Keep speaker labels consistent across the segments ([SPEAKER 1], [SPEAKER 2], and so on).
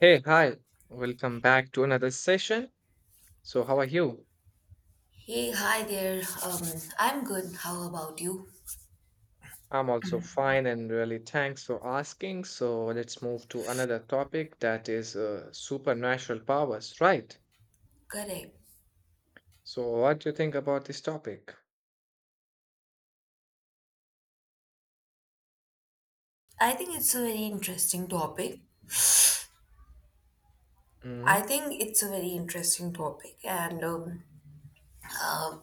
[SPEAKER 1] Hey, hi. Welcome back to another session. So, how are you?
[SPEAKER 2] Hey, hi there. I'm good. How about you?
[SPEAKER 1] I'm also fine and really thanks for asking. So, let's move to another topic that is supernatural powers, right?
[SPEAKER 2] Correct.
[SPEAKER 1] So, what do you think about this topic?
[SPEAKER 2] I think it's a very interesting topic. I
[SPEAKER 1] Mhm.
[SPEAKER 2] think it's a very interesting topic, and um,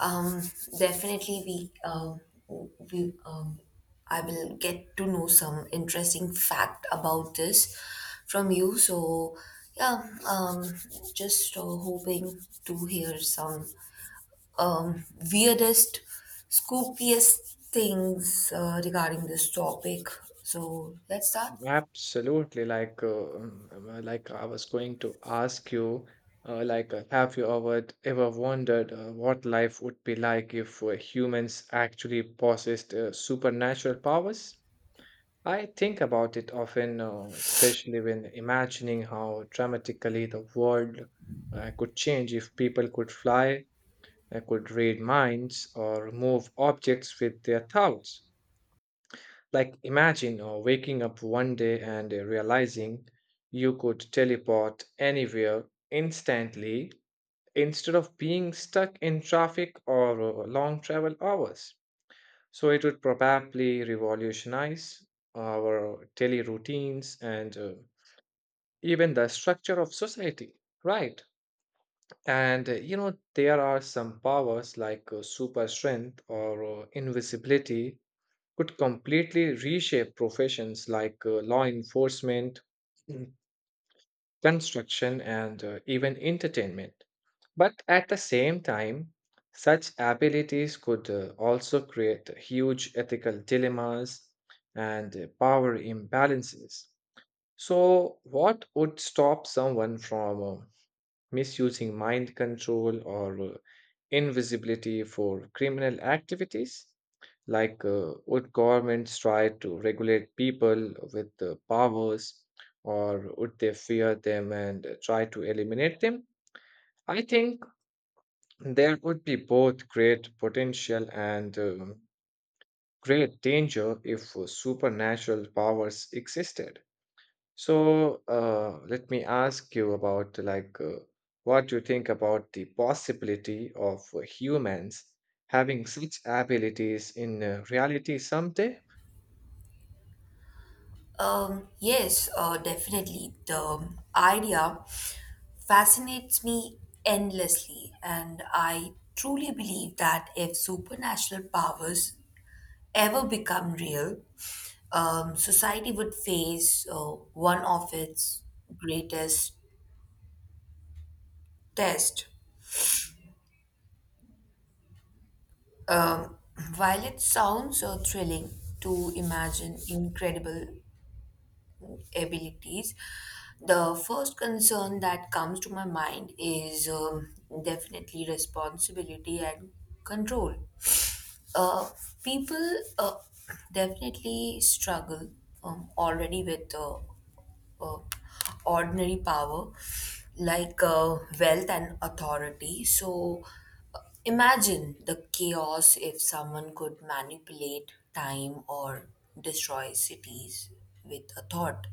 [SPEAKER 2] um, definitely we I will get to know some interesting fact about this from you. So yeah, just hoping to hear some um, weirdest, spookiest things regarding this topic. So let's start.
[SPEAKER 1] Absolutely. Like, I was going to ask you, have you ever wondered what life would be like if humans actually possessed supernatural powers? I think about it often, especially when imagining how dramatically the world could change if people could fly, could read minds, or move objects with their thoughts. Like, imagine waking up one day and realizing you could teleport anywhere instantly instead of being stuck in traffic or long travel hours. So it would probably revolutionize our daily routines and even the structure of society, right? And you know, there are some powers like super strength or invisibility could completely reshape professions like law enforcement, construction, and even entertainment. But at the same time, such abilities could also create huge ethical dilemmas and power imbalances. So, what would stop someone from misusing mind control or invisibility for criminal activities? Would governments try to regulate people with powers, or would they fear them and try to eliminate them? I think there would be both great potential and great danger if supernatural powers existed. So, let me ask you about what you think about the possibility of humans having such abilities in reality someday.
[SPEAKER 2] Yes, definitely. The idea fascinates me endlessly, and I truly believe that if supernatural powers ever become real, society would face one of its greatest tests. Um, while it sounds so thrilling to imagine incredible abilities, the first concern that comes to my mind is definitely responsibility and control. Uh, People definitely struggle already with uh, ordinary power like wealth and authority. So uh, imagine the chaos if someone could manipulate time or destroy cities with a thought.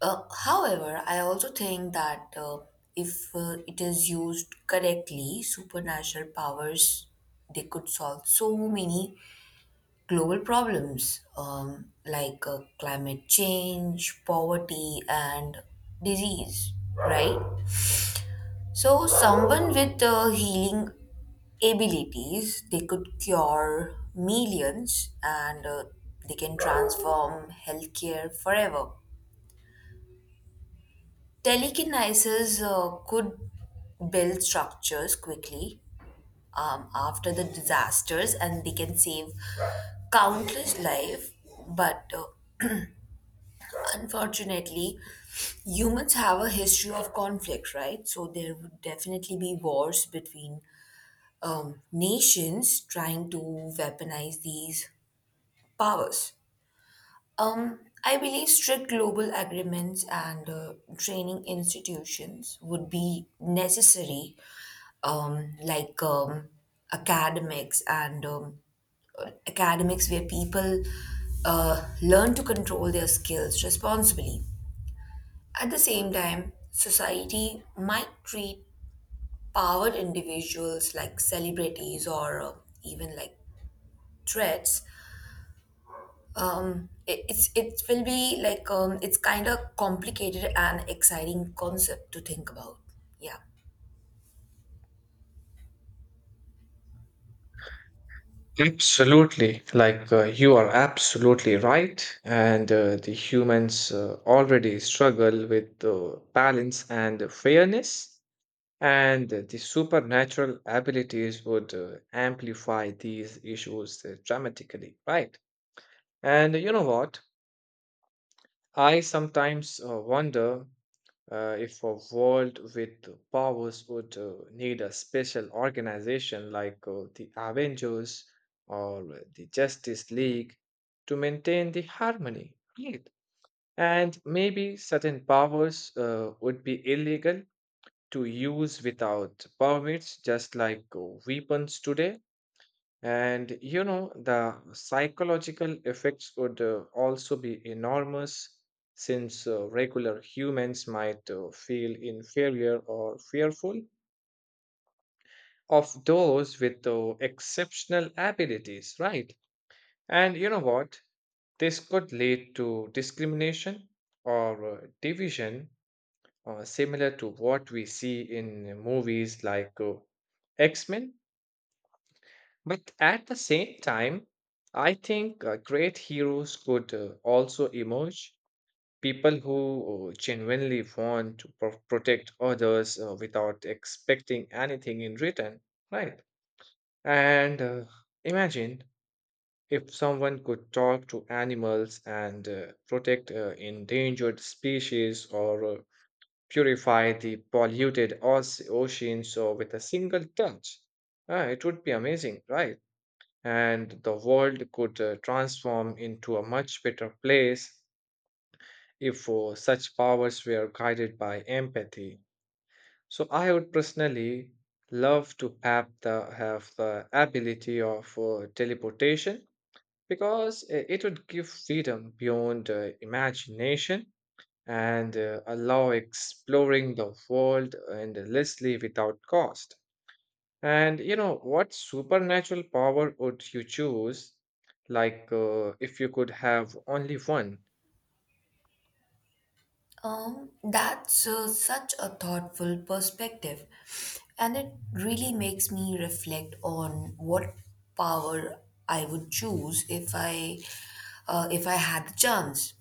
[SPEAKER 2] However, I also think that if it is used correctly, supernatural powers they could solve so many global problems like climate change, poverty, and disease, right? So, someone with healing abilities, they could cure millions and they can transform healthcare forever. Telekinesis could build structures quickly after the disasters and they can save countless life but unfortunately, humans have a history of conflict, right? So there would definitely be wars between nations trying to weaponize these powers. I believe strict global agreements and training institutions would be necessary, um, like um, academics and academics where people learn to control their skills responsibly. At the same time, society might treat powered individuals like celebrities or even like threats. It will be like it's kind of complicated and exciting concept to think about. Yeah.
[SPEAKER 1] Absolutely. You are absolutely right. And the humans already struggle with balance and fairness, and the supernatural abilities would amplify these issues dramatically, right? And you know what? I sometimes wonder if a world with powers would need a special organization like the Avengers or the Justice League to maintain the harmony, right? And maybe certain powers would be illegal to use without permits, just like weapons today. And you know, the psychological effects would also be enormous since regular humans might feel inferior or fearful of those with exceptional abilities, right? And you know what? This could lead to discrimination or division, similar to what we see in movies like X Men. But at the same time, I think great heroes could also emerge. People who genuinely want to protect others without expecting anything in return, right? And imagine if someone could talk to animals and protect endangered species or purify the polluted oceans with a single touch. It would be amazing, right? And the world could transform into a much better place if such powers were guided by empathy. So I would personally love to have the ability of teleportation because it would give freedom beyond imagination and allow exploring the world endlessly without cost. And you know, what supernatural power would you choose? If you could have only one.
[SPEAKER 2] That's such a thoughtful perspective, and it really makes me reflect on what power I would choose if I had the chance.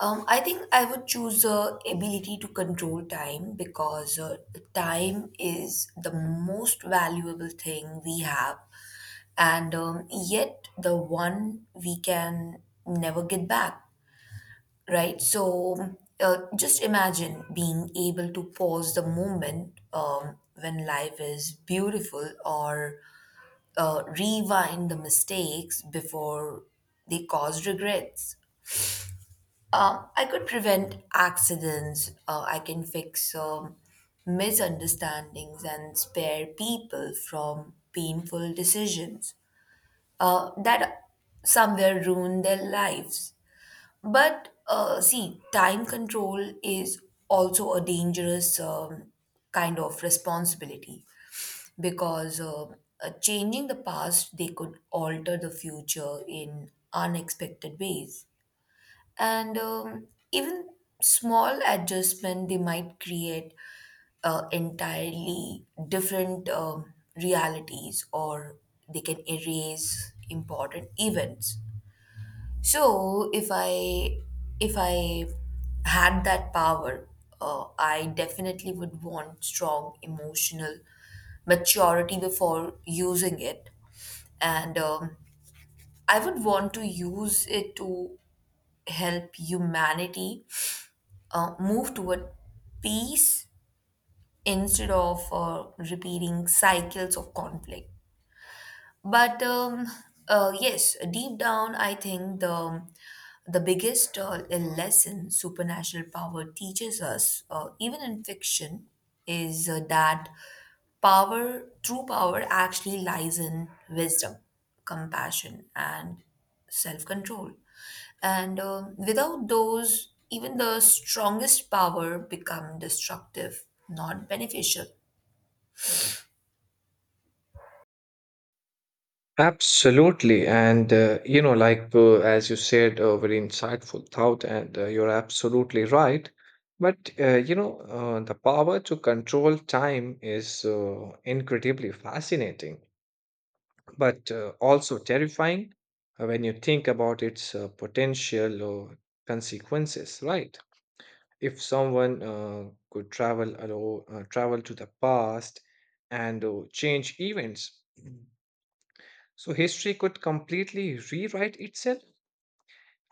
[SPEAKER 2] I think I would choose ability to control time because time is the most valuable thing we have, and yet the one we can never get back, right? So just imagine being able to pause the moment when life is beautiful or rewind the mistakes before they cause regrets. I could prevent accidents, I can fix misunderstandings and spare people from painful decisions that somewhere ruin their lives. But see, time control is also a dangerous kind of responsibility because changing the past, they could alter the future in unexpected ways and even small adjustment they might create entirely different realities or they can erase important events. So if I had that power, I definitely would want strong emotional maturity before using it, and I would want to use it to help humanity move toward peace instead of repeating cycles of conflict. But yes, deep down, I think the biggest lesson supernatural power teaches us, even in fiction, is that power true power actually lies in wisdom, compassion, and self-control, and without those even the strongest power become destructive not beneficial.
[SPEAKER 1] Absolutely. And, you know, as you said, a very insightful thought, and you're absolutely right. But, the power to control time is incredibly fascinating, but also terrifying when you think about its potential consequences, right? If someone could travel to the past and change events, so history could completely rewrite itself,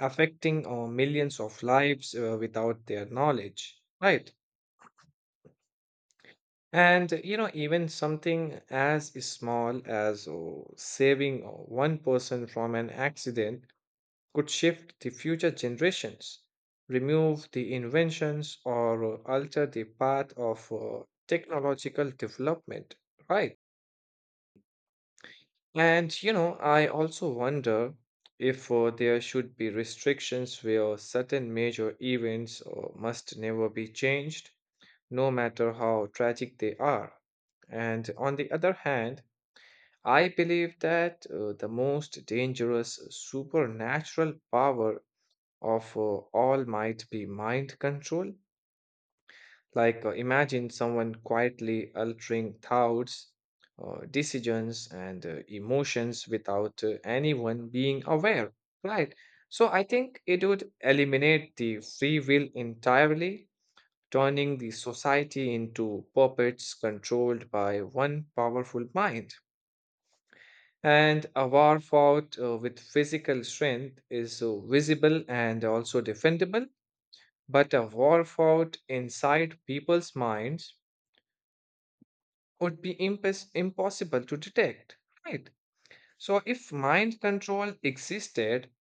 [SPEAKER 1] affecting millions of lives without their knowledge, right? And you know, even something as small as saving one person from an accident could shift the future generations, remove the inventions, or alter the path of technological development, right? And you know, I also wonder if there should be restrictions where certain major events must never be changed, no matter how tragic they are. And on the other hand, I believe that the most dangerous supernatural power of all might be mind control. Imagine someone quietly altering thoughts, decisions, and emotions without anyone being aware, right? So, I think it would eliminate the free will entirely, turning the society into puppets controlled by one powerful mind. And a war fought with physical strength is visible and also defendable, but a war fought inside people's minds would be impossible to detect, right? So, if mind control existed,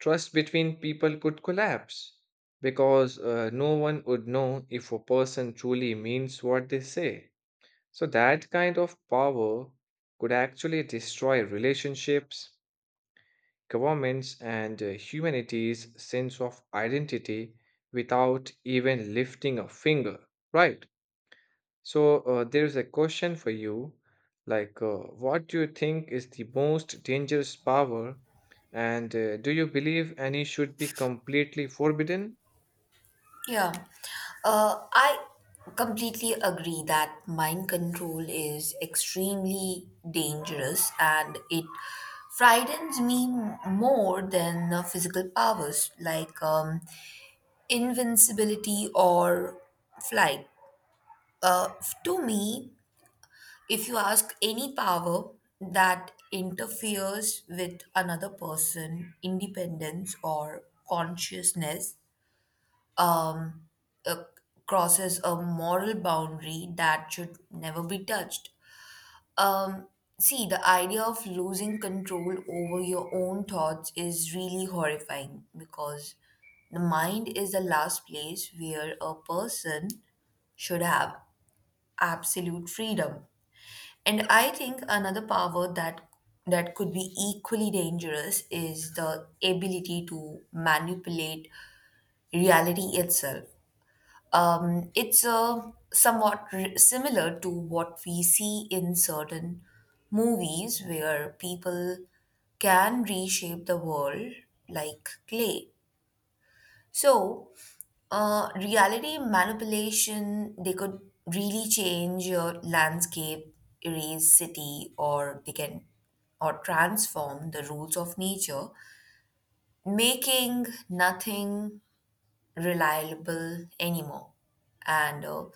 [SPEAKER 1] trust between people could collapse because no one would know if a person truly means what they say. So, that kind of power could actually destroy relationships, governments, and humanity's sense of identity without even lifting a finger, right? So there's a question for you, like uh, what do you think is the most dangerous power, and do you believe any should be completely forbidden?
[SPEAKER 2] Yeah, I completely agree that mind control is extremely dangerous and it frightens me more than physical powers like invincibility or flight. Uh, to me, if you ask any power that interferes with another person, independence or consciousness uh, crosses a moral boundary that should never be touched. Um, See, the idea of losing control over your own thoughts is really horrifying because the mind is the last place where a person should have absolute freedom. And I think another power that could be equally dangerous is the ability to manipulate reality itself. It's somewhat similar to what we see in certain movies where people can reshape the world like clay. So, reality manipulation, they could really change your landscape, erase city, or transform the rules of nature, making nothing reliable anymore. And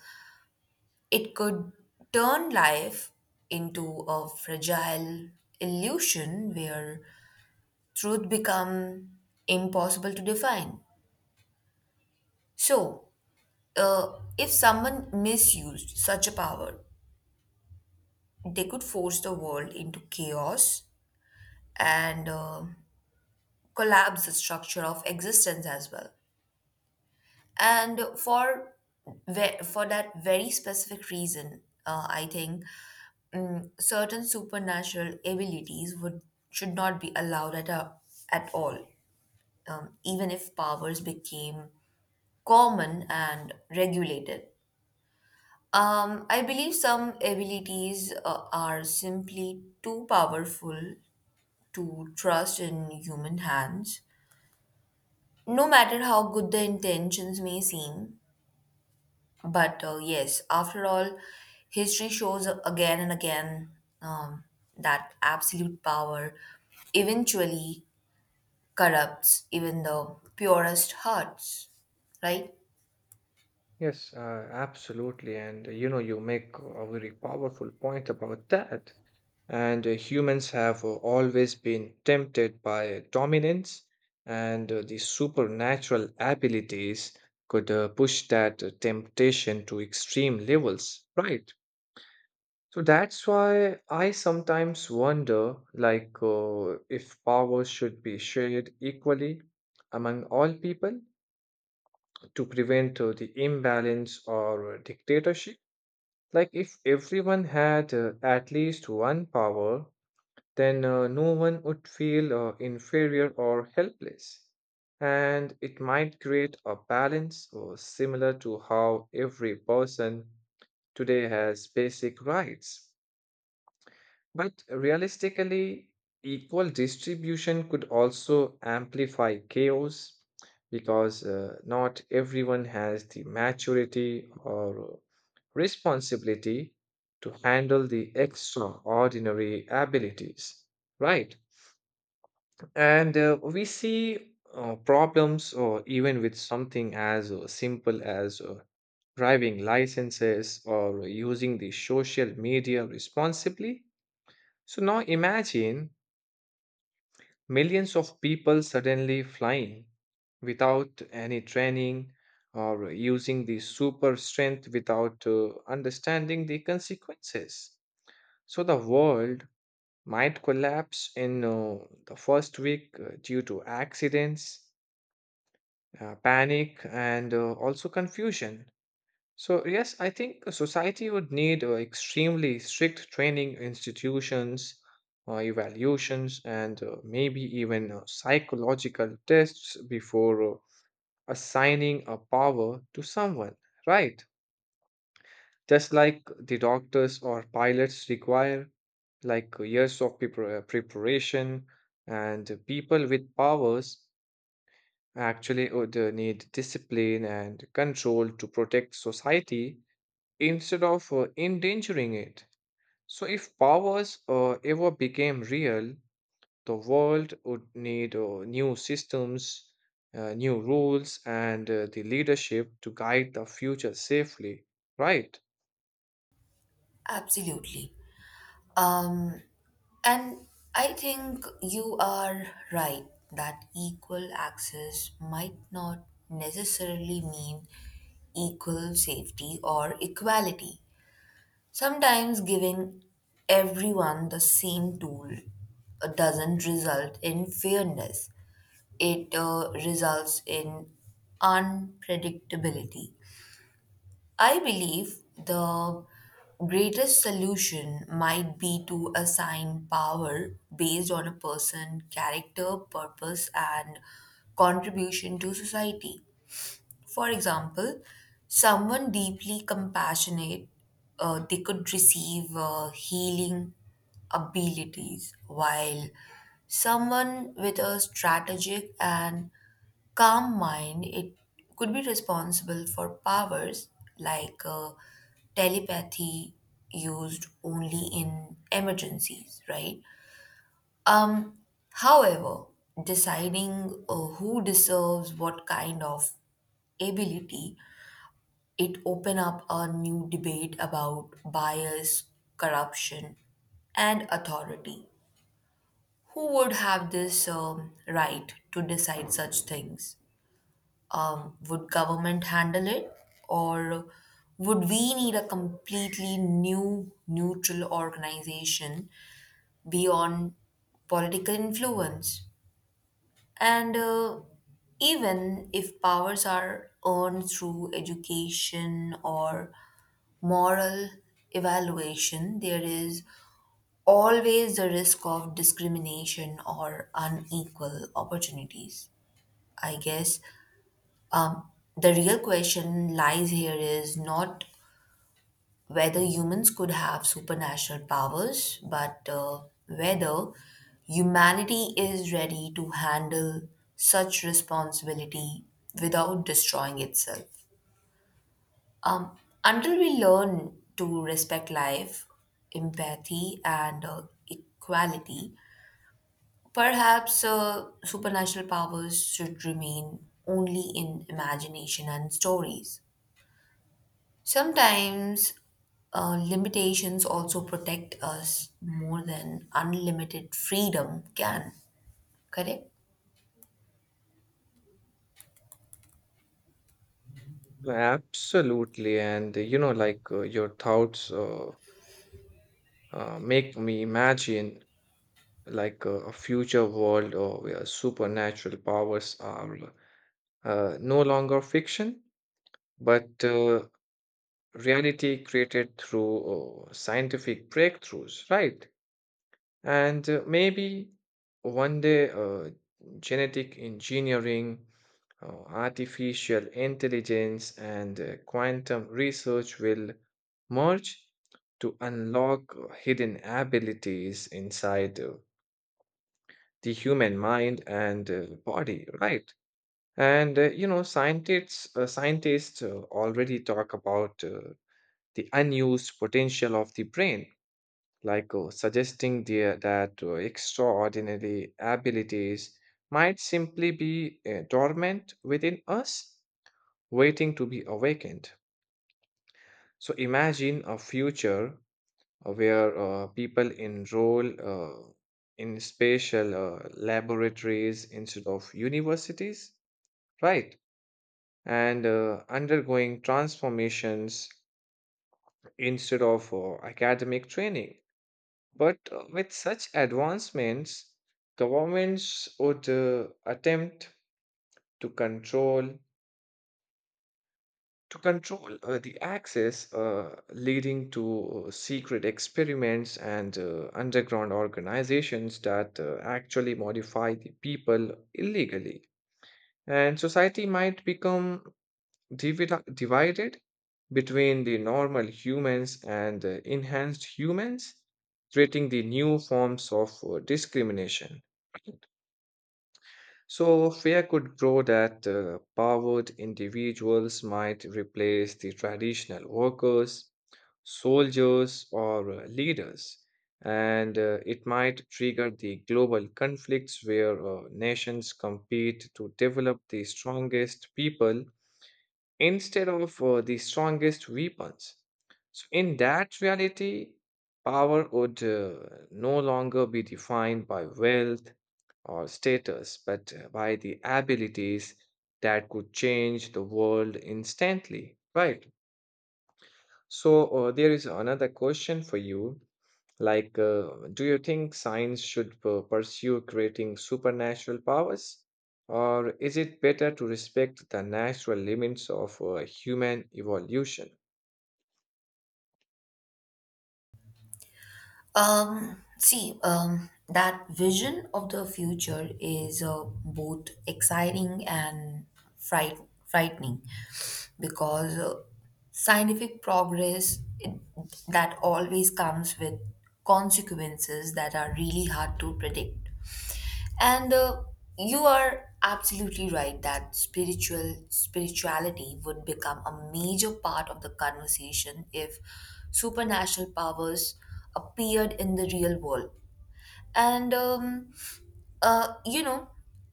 [SPEAKER 2] it could turn life into a fragile illusion where truth become impossible to define. So, if someone misused such a power, they could force the world into chaos and collapse the structure of existence as well. And for that very specific reason, I think certain supernatural abilities would should not be allowed at all, even if powers became common and regulated. I believe some abilities are simply too powerful to trust in human hands, no matter how good the intentions may seem. But yes, after all, history shows again and again um, that absolute power eventually corrupts even the purest hearts, right?
[SPEAKER 1] Yes, absolutely. And you know, you make a very powerful point about that. And humans have always been tempted by dominance, and the supernatural abilities could push that temptation to extreme levels, right? So that's why I sometimes wonder, if power should be shared equally among all people to prevent the imbalance or dictatorship. Like, if everyone had at least one power, then no one would feel inferior or helpless. And it might create a balance similar to how every person today has basic rights. But realistically, equal distribution could also amplify chaos because not everyone has the maturity or responsibility to handle the extraordinary abilities, right? And we see problems, or even with something as simple as driving licenses or using the social media responsibly. So now imagine millions of people suddenly flying without any training or using the super strength without understanding the consequences. So the world might collapse in the first week due to accidents, panic, and also confusion. So, yes, I think a society would need extremely strict training institutions, evaluations, and maybe even psychological tests before assigning a power to someone, right? Just like the doctors or pilots require, years of preparation, and people with powers actually would need discipline and control to protect society instead of endangering it. So, if powers ever became real, the world would need new systems, new rules, and the leadership to guide the future safely, right?
[SPEAKER 2] Absolutely. Um, and I think you are right that equal access might not necessarily mean equal safety or equality. Sometimes giving everyone the same tool doesn't result in fairness, it results in unpredictability. I believe the greatest solution might be to assign power based on a person's character, purpose, and contribution to society. For example, someone deeply compassionate, they could receive healing abilities, while someone with a strategic and calm mind, it could be responsible for powers like telepathy used only in emergencies, right? Um, However, deciding who deserves what kind of ability, it open up a new debate about bias, corruption, and authority. Who would have this right to decide such things? Would government handle it, or would we need a completely new neutral organization beyond political influence? And even if powers are earned through education or moral evaluation, there is always the risk of discrimination or unequal opportunities, I guess. The real question lies here is not whether humans could have supernatural powers, but whether humanity is ready to handle such responsibility without destroying itself. Um, until we learn to respect life, empathy, and equality, perhaps supernatural powers should remain only in imagination and stories. Sometimes limitations also protect us more than unlimited freedom can, correct?
[SPEAKER 1] Absolutely. And you know, your thoughts make me imagine a future world where supernatural powers are no longer fiction, but reality created through scientific breakthroughs, right? And maybe one day genetic engineering, artificial intelligence, and quantum research will merge to unlock hidden abilities inside the human mind and body, right? And you know, scientists already talk about the unused potential of the brain, suggesting that extraordinary abilities might simply be dormant within us, waiting to be awakened. So imagine a future where people enroll in spatial laboratories instead of universities, right? And undergoing transformations instead of academic training. But with such advancements, governments would attempt to control to control the access, leading to secret experiments and underground organizations that actually modify the people illegally. And society might become divided between the normal humans and the enhanced humans, creating the new forms of discrimination. So, fear could grow that powered individuals might replace the traditional workers, soldiers, or leaders, and it might trigger the global conflicts where nations compete to develop the strongest people instead of the strongest weapons. So, in that reality, power would no longer be defined by wealth or status, but by the abilities that could change the world instantly, right? So, there is another question for you. Do you think science should pursue creating supernatural powers? Or is it better to respect the natural limits of human evolution?
[SPEAKER 2] See, that vision of the future is both exciting and fright- frightening because scientific progress it, that always comes with consequences that are really hard to predict. And you are absolutely right that spirituality would become a major part of the conversation if supernatural powers appeared in the real world. And um, uh, you know,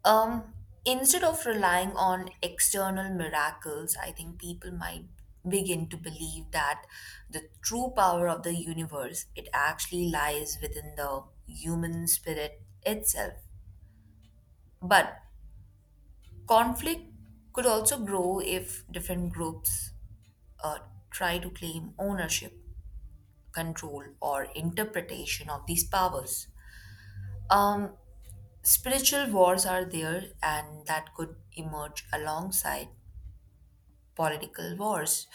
[SPEAKER 2] um, instead of relying on external miracles, I think people might begin to believe that the true power of the universe it actually lies within the human spirit itself. But conflict could also grow if different groups uh, try to claim ownership, control, or interpretation of these powers. Um, Spiritual wars are there, and that could emerge alongside political wars,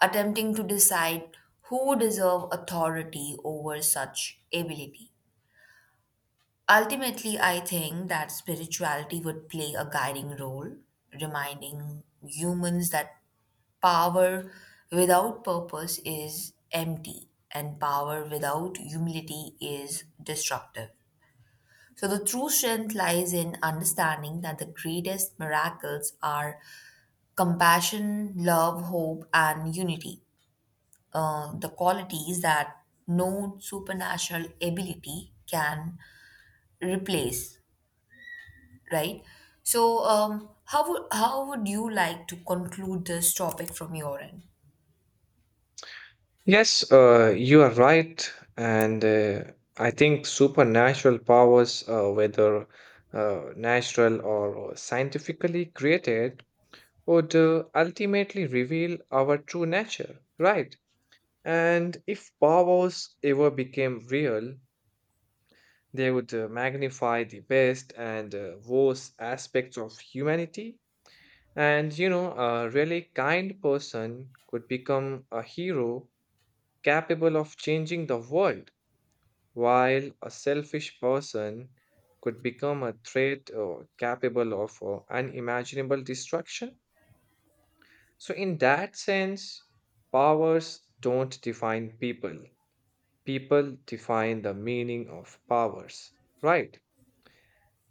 [SPEAKER 2] attempting to decide who deserve authority over such ability. Ultimately, I think that spirituality would play a guiding role, reminding humans that power without purpose is empty, and power without humility is destructive. So, the true strength lies in understanding that the greatest miracles are compassion, love, hope, and unity, the qualities that no supernatural ability can replace, right? So, would how would you like to conclude this topic from your end?
[SPEAKER 1] Yes, you are right. And I think supernatural powers, whether natural or scientifically created, would ultimately reveal our true nature, right? And if powwows ever became real, they would magnify the best and worst aspects of humanity. And you know, a really kind person could become a hero capable of changing the world, while a selfish person could become a threat or capable of unimaginable destruction. So, in that sense, powers don't define people, people define the meaning of powers, right?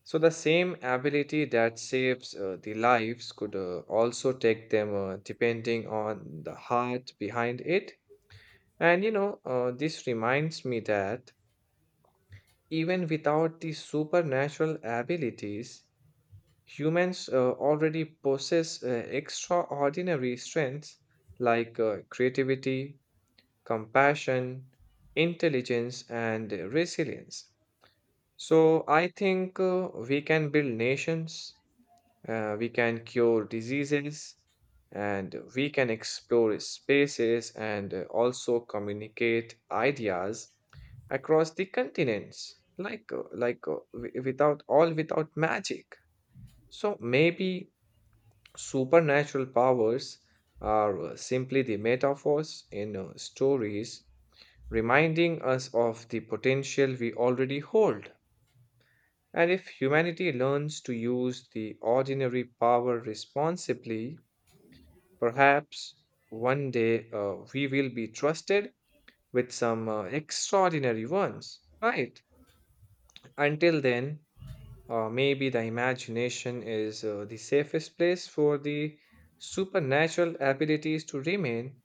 [SPEAKER 1] So, the same ability that saves the lives could also take them depending on the heart behind it. And you know, this reminds me that even without these supernatural abilities, humans already possess extraordinary strengths like creativity, compassion, intelligence, and resilience. So I think we can build nations, we can cure diseases, and we can explore spaces and also communicate ideas across the continents, without magic. So maybe supernatural powers are simply the metaphors in stories reminding us of the potential we already hold. And if humanity learns to use the ordinary power responsibly, perhaps one day we will be trusted with some extraordinary ones, right? Until then, maybe the imagination is the safest place for the supernatural abilities to remain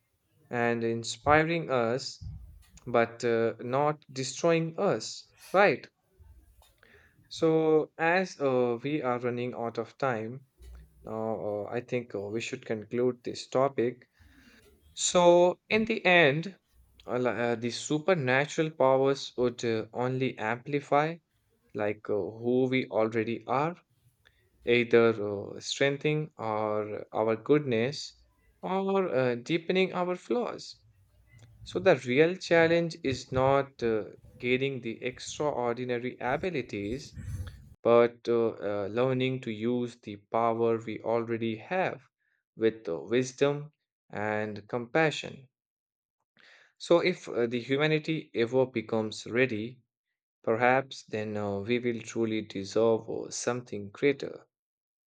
[SPEAKER 1] and inspiring us, but not destroying us, right? So, as we are running out of time, now, I think we should conclude this topic. So, in the end, the supernatural powers would only amplify who we already are, either strengthening our goodness or deepening our flaws. So, the real challenge is not gaining the extraordinary abilities, but learning to use the power we already have with wisdom and compassion. So, if the humanity ever becomes ready, perhaps then we will truly deserve something greater.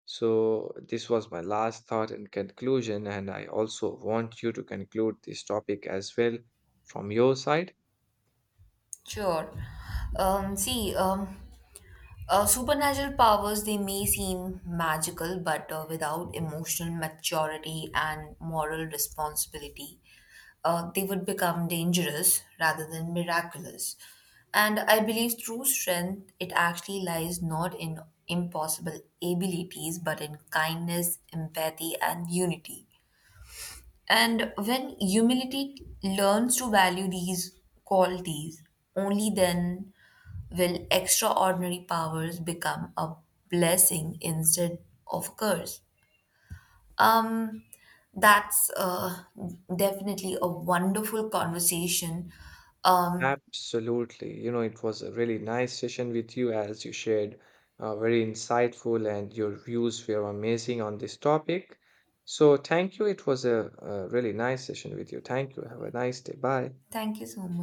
[SPEAKER 1] So, this was my last thought and conclusion, and I also want you to conclude this topic as well from your side.
[SPEAKER 2] Sure. Um, see, um, supernatural powers, they may seem magical, but without emotional maturity and moral responsibility, they would become dangerous rather than miraculous. And I believe true strength, it actually lies not in impossible abilities, but in kindness, empathy, and unity. And when humility learns to value these qualities, only then will extraordinary powers become a blessing instead of a curse. Um, that's definitely a wonderful conversation. Um,
[SPEAKER 1] Absolutely. You know, it was a really nice session with you as you shared very insightful and your views were amazing on this topic. So, thank you. It was a really nice session with you. Thank you. Have a nice day. Bye.
[SPEAKER 2] Thank you so much.